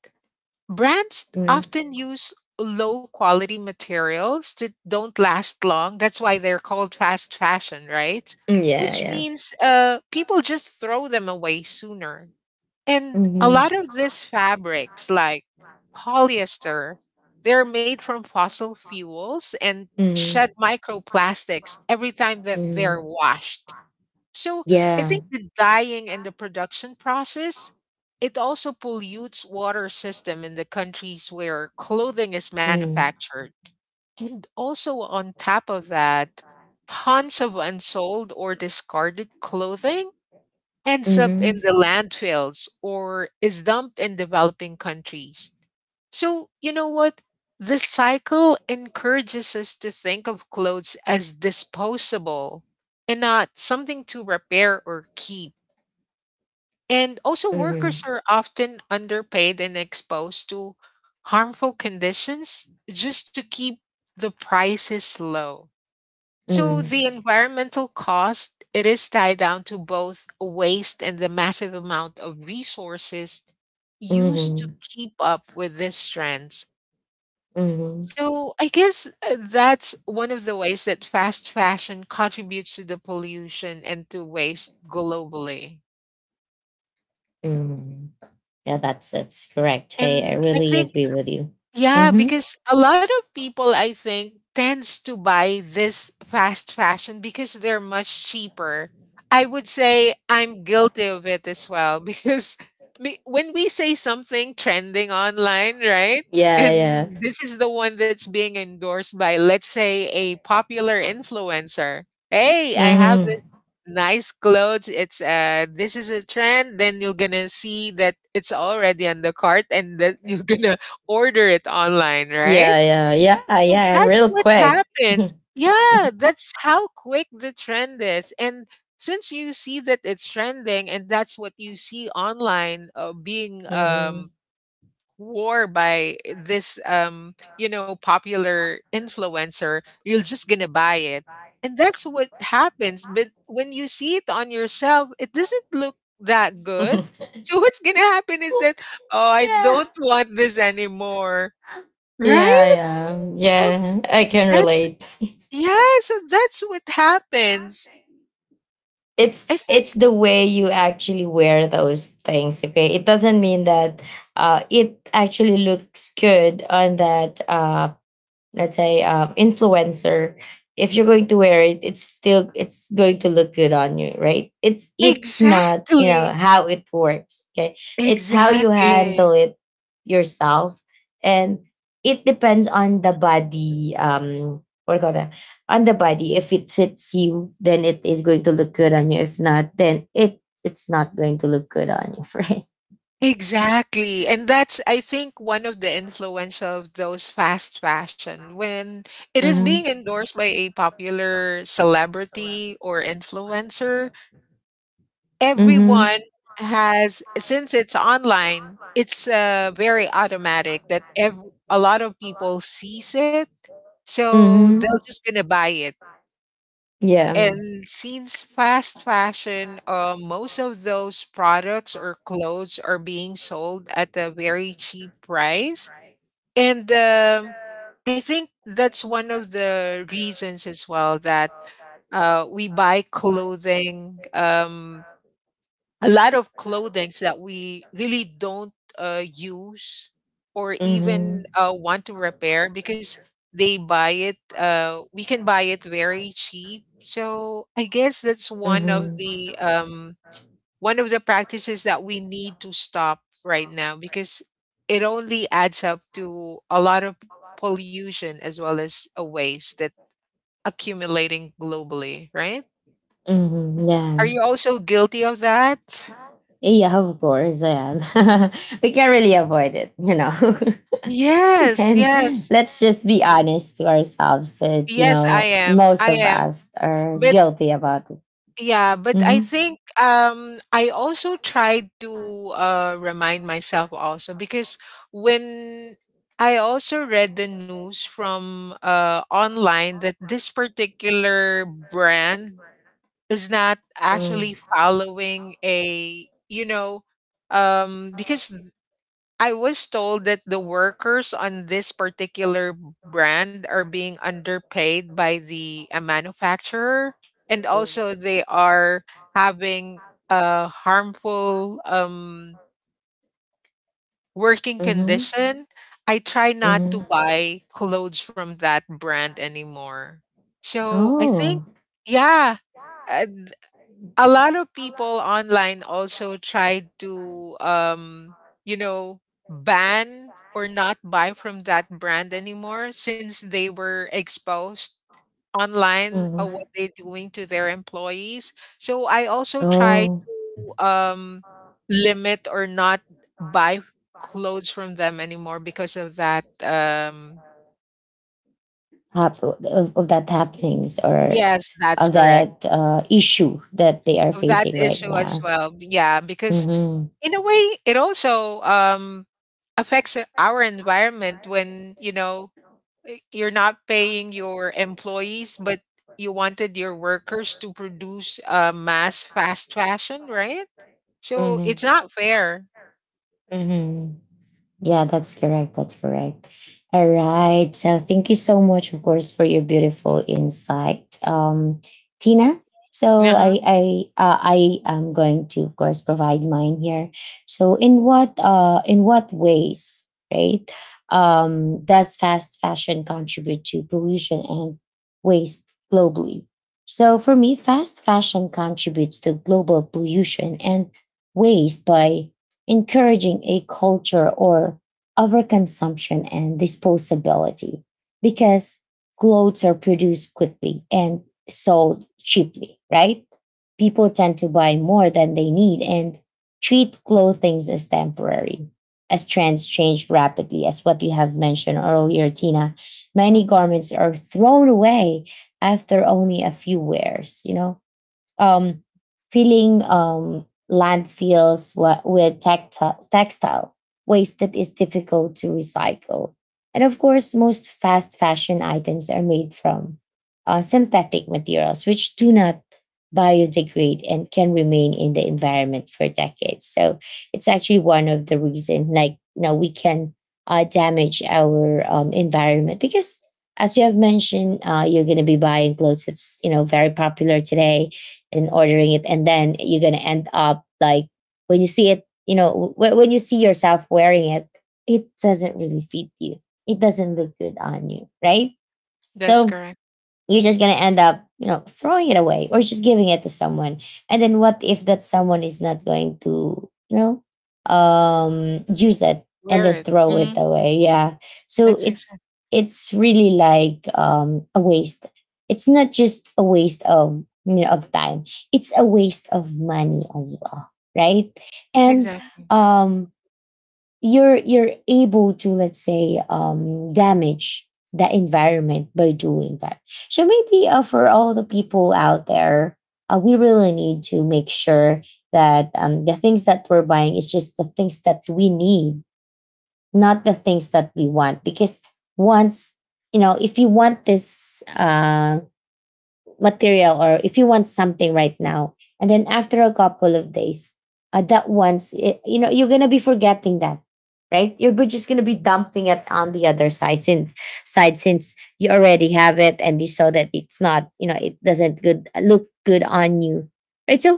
brands
mm-hmm.
often use low quality materials that don't last long. That's why they're called fast fashion, right?
Yeah,
Which
yeah.
means people just throw them away sooner. And a
Mm-hmm,
lot of these fabrics, like polyester, they're made from fossil fuels and shed
mm-hmm,
microplastics every time that
mm
they're washed. So I
yeah.
think the dyeing and the production process, it also pollutes water system in the countries where clothing is
Mm.
manufactured. And also on top of that, tons of unsold or discarded clothing ends up
Mhm.
in the landfills or is dumped in developing countries. So, you know what? This cycle encourages us to think of clothes as disposable and not something to repair or keep. And also, workers
Mhm.
are often underpaid and exposed to harmful conditions just to keep the prices low. So
Mhm.
the environmental cost, it is tied down to both waste and the massive amount of resources used to
Mhm.
keep up with these trends.
Mhm.
So I guess that's one of the ways that fast fashion contributes to the pollution and to waste globally.
Mhm. Yeah, that's correct. I
And I
really
think
agree with you.
yeah,
Mhm.
because a lot of people, I think, tends to buy this fast fashion because they're much cheaper. I would say I'm guilty of it as well because me, when we say something trending online, right?
Yeah,
And
yeah.
this is the one that's being endorsed by, let's say, a popular influencer. Hey, I have
Mhm.
this nice clothes. It's this is a trend. Then you're gonna see that it's already on the cart, and then you're gonna order it online, right?
Yeah, yeah. Yeah,
So
yeah,
that's
real
what
quick.
happens. Yeah, that's how quick the trend is. And since you see that it's trending and that's what you see online being
Mhm.
wore by this popular influencer, you're just going to buy it. And that's what happens. But when you see it on yourself, it doesn't look that good. So what's going to happen is that oh, I
Yeah.
don't want this anymore.
Yeah,
Right?
yeah.
So
Yeah, I can
that's
relate.
yeah, so that's what happens.
It's
I think
it's the way you actually wear those things, okay? It doesn't mean that it actually looks good on that let's say influencer. If you're going to wear it, it's still it's going to look good on you, right? It's not, you know,
exactly.
how it works, okay. It's how you handle
Exactly.
it yourself, and it depends on the body, what do you call that, on the body. If it fits you, then it is going to look good on you. If not, then it's not going to look good on you. Right.
Exactly. And that's I think one of the influence of those fast fashion when it is being
Mm-hmm.
endorsed by a popular celebrity or influencer,
Mm-hmm.
everyone has since it's online, it's very automatic that a lot of people sees it, so
Mm-hmm.
they're just gonna buy it.
Yeah.
And since fast fashion, most of those products or clothes are being sold at a very cheap price, and I think that's one of the reasons as well that we buy clothing, a lot of clothings that we really don't use or even
Mm-hmm.
want to repair because they buy it we can buy it very cheap. So I guess that's
Mm-hmm.
one of the practices that we need to stop right now because it only adds up to a lot of pollution as well as a waste that accumulating globally, right?
Mhm,
Are
yeah.
you also guilty of that?
Eh, yeah, of course, yeah. We can't really avoid it.
Yes,
And
yes.
let's just be honest to ourselves that, you
Yes, I
know,
am.
most
I
of
am.
us are
But
guilty about it.
yeah, but I
Mm-hmm.
think I also tried to remind myself also because when I also read the news from online that this particular brand is not actually
Mm-hmm.
following a because I was told that the workers on this particular brand are being underpaid by the manufacturer, and also they are having a harmful working
Mm-hmm.
condition. I try not
Mm-hmm.
to buy clothes from that brand anymore. So I think,
Oh.
yeah, uh, a lot of people online also tried to you know ban or not buy from that brand anymore since they were exposed online
Mhm.
of what they're doing to their employees. So I also try
Oh.
to limit or not buy clothes from them anymore because of that.
Hap- of that happenings or
Yes, that's
of
correct.
that issue that they are
Of that
facing right
issue as
now.
well, yeah, because
Mm-hmm.
in a way it also affects our environment when, you know, you're not paying your employees but you wanted your workers to produce mass fast fashion, right? So
Mm-hmm.
it's not fair.
Mm-hmm. Yeah, that's correct. That's correct. All right. So thank you so much, of course, for your beautiful insight, Tina. So I
Uh-huh.
I uh, I am going to, of course, provide mine here. So in what ways, right? Does fast fashion contribute to pollution and waste globally? So for me, fast fashion contributes to global pollution and waste by encouraging a culture or overconsumption and disposability, because clothes are produced quickly and sold cheaply, right? People tend to buy more than they need and treat clothing as temporary. As trends change rapidly, as what you have mentioned earlier, Tina, many
Mhm.
garments are thrown away after only a few wears, you know, um, filling landfills wa- with tacti- textile waste that is difficult to recycle. And of course, most fast fashion items are made from synthetic materials, which do not biodegrade and can remain in the environment for decades. So it's actually one of the reasons, like, you know, we can damage our environment, because as you have mentioned, you're going to be buying clothes that's, you know, very popular today, and ordering it, and then you're going to end up like, when you see it, you know, w- when you see yourself wearing it, it doesn't really fit you, it doesn't look good on you, right?
That's
So
correct.
you're just going to end up, you know, throwing it away or just giving it to someone. And then what if that someone is not going to, you know, use it and
Wear
then
it.
throw it
Hmm.
away? Yeah. So
That's
it's
exactly.
it's really like a waste. It's not just a waste of, you know, of time. It's a waste of money as well, right? And
Exactly.
um, you're able to, let's say, um, damage the environment by doing that. So maybe for all the people out there, we really need to make sure that the things that we're buying is just the things that we need, not the things that we want. Because once, you know, if you want this material, or if you want something right now, and then after a couple of days, that once it, you know, you're gonna be forgetting that, right, you're bu- just gonna be dumping it on the other side, since side since you already have it, and you saw that it's not, you know, it doesn't good look good on you, right? So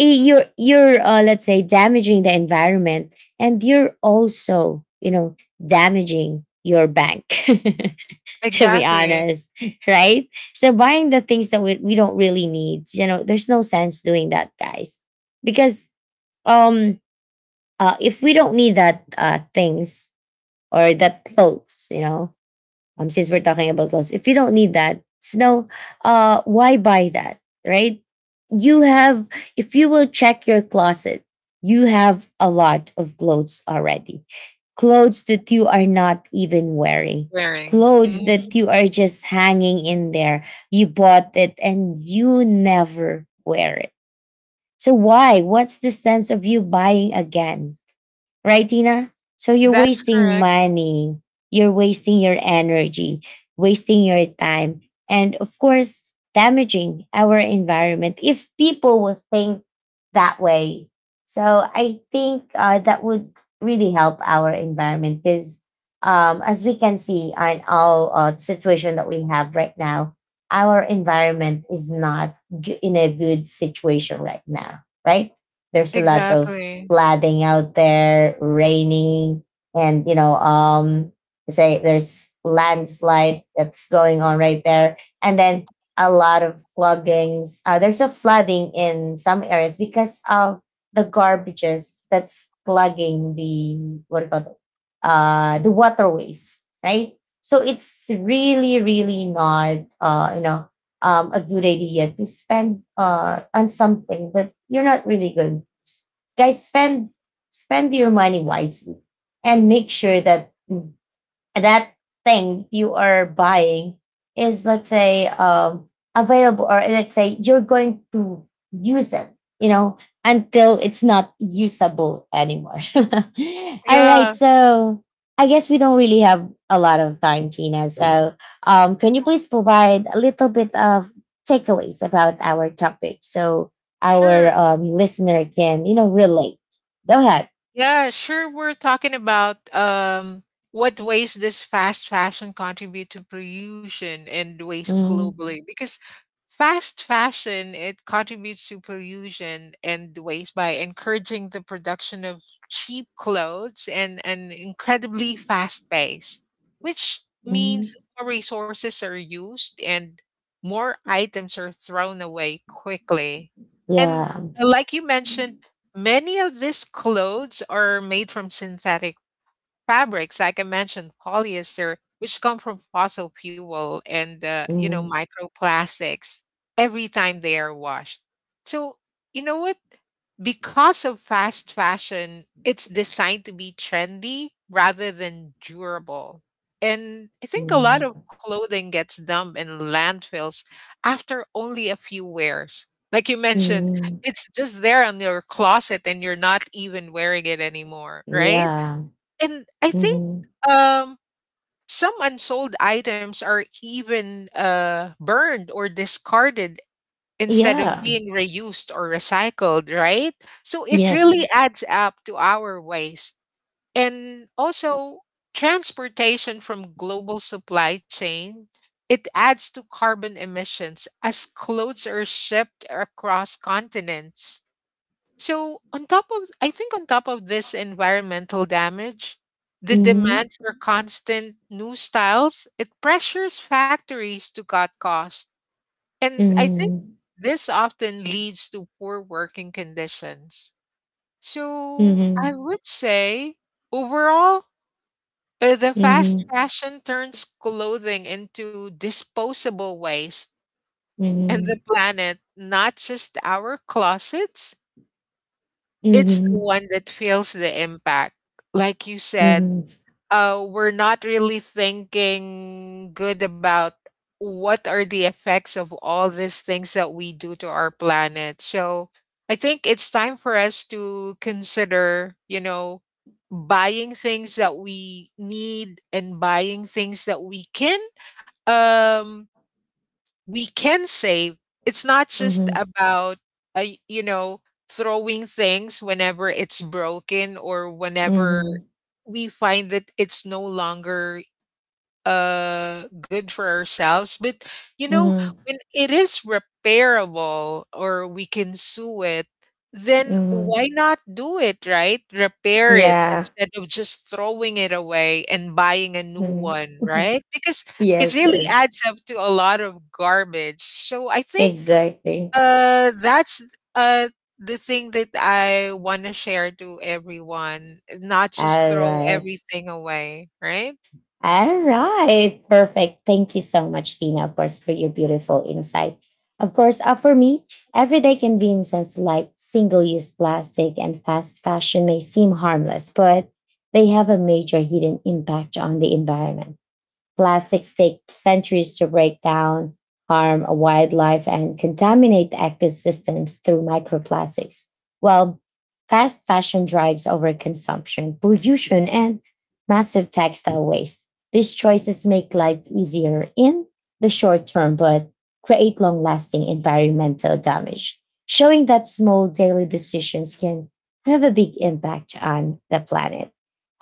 you're let's say, damaging the environment, and you're also, you know, damaging your bank. To be
Exactly.
honest, right? So buying the things that we don't really need, you know, there's no sense doing that, guys. Because um if we don't need that things or that clothes, you know, since we're talking about clothes, if you don't need that, snow, why buy that, right? You have, if you will check your closet, you have a lot of clothes already. Clothes that you are not even wearing,
Wearing.
clothes
Mhm.
that you are just hanging in there. You bought it and you never wear it. So, why? What's the sense of you buying again? Right, Tina? So you're
That's
wasting
correct.
money, you're wasting your energy, wasting your time, and of course, damaging our environment if people would think that way. So I think that would really help our environment, because as we can see on all situation that we have right now, our environment is not g- in a good situation right now, right? There's a lot of
Exactly.
flooding out there, raining, and you know, say there's landslide that's going on right there, and then a lot of cloggings. There's a flooding in some areas because of the garbages that's plugging the, what do you call it? The waterways, right? So it's really, really not, you know, a good idea to spend on something that you're not really good. Guys, spend, spend your money wisely, and make sure that that thing you are buying is, let's say, um, available, or let's say you're going to use it, you know, until it's not usable anymore. All right.
Yeah.
So I guess we don't really have a lot of time, Tina, so um, can you please provide a little bit of takeaways about our topic, so our
Sure.
listener can, you know, relate. Go ahead.
Yeah, sure. We're talking about what ways does fast fashion contribute to pollution and waste
Mm.
globally? Because fast fashion, it contributes to pollution and waste by encouraging the production of cheap clothes and an incredibly fast pace, which
Mm,
means more resources are used and more items are thrown away quickly. And
yeah.
like you mentioned, many of these clothes are made from synthetic fabrics, like I mentioned, polyester, which come from fossil fuel and,
Mm.
microplastics every time they are washed. So you know what? Because of fast fashion, it's designed to be trendy rather than durable. And I think a lot of
Mm.
clothing gets dumped in landfills after only a few wears. Like you mentioned,
Mm,
it's just there on your closet and you're not even wearing it anymore, right?
yeah.
And I think
Mhm.
um, some unsold items are even burned or discarded instead of
Yeah.
being reused or recycled, right? So it really
Yes.
adds up to our waste. And also, transportation from global supply chain. It adds to carbon emissions as clothes are shipped across continents. So on top of, I think on top of this environmental damage, the
Mhm.
demand for constant new styles, it pressures factories to cut costs. And I think
Mhm.
this often leads to poor working conditions. So I
Mhm.
would say overall the fast
Mhm.
fashion turns clothing into disposable waste and the
Mhm.
planet, not just our closets, it's the
Mhm.
one that feels the impact. Like you said,
Mhm.
we're not really thinking good about what are the effects of all these things that we do to our planet. So I think it's time for us to consider, you know, buying things that we need and buying things that um we can save. It's not just
Mhm.
about, you know, throwing things whenever it's broken or whenever
Mhm.
we find that it's no longer good for ourselves, but you know,
Mhm.
when it is repairable or we can sue it, then
Mhm.
why not do it, right? Repair it
Yeah.
instead of just throwing it away and buying a new
Mhm.
one, right? Because it
Yes,
really
yes.
adds up to a lot of garbage. So I think
Exactly.
that's uh the thing that I want to share to everyone, not just
All
throw
right.
everything away, right?
All right. Perfect. Thank you so much, Tina, of course, for your beautiful insight. Of course, for me, everyday conveniences like single use plastic and fast fashion may seem harmless, but they have a major hidden impact on the environment. Plastics take centuries to break down, harm wildlife, and contaminate the ecosystems through microplastics. Well, fast fashion drives overconsumption, pollution, and massive textile waste. These choices make life easier in the short term, but create long lasting environmental damage, showing that small daily decisions can have a big impact on the planet.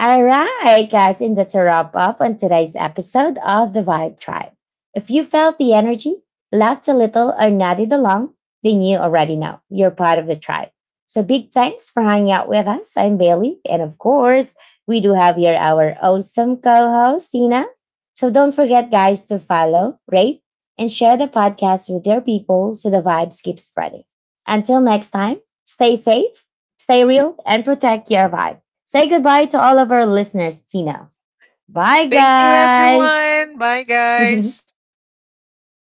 All right, guys, and that's a wrap up on today's episode of the Vibe Tribe. If you felt the energy, laughed a little, or nodded along, then you already know you're part of the tribe. So big thanks for hanging out with us. I'm Bailey, and of course, we do have here our awesome co-host Tina. So don't forget, guys, to follow, rate, and share the podcast with your people so the vibes keep spreading. Until next time, stay safe, stay real, and protect your vibe. Say goodbye to all of our listeners, Tina. Bye,
Thank you,
guys.
everyone. Bye, guys.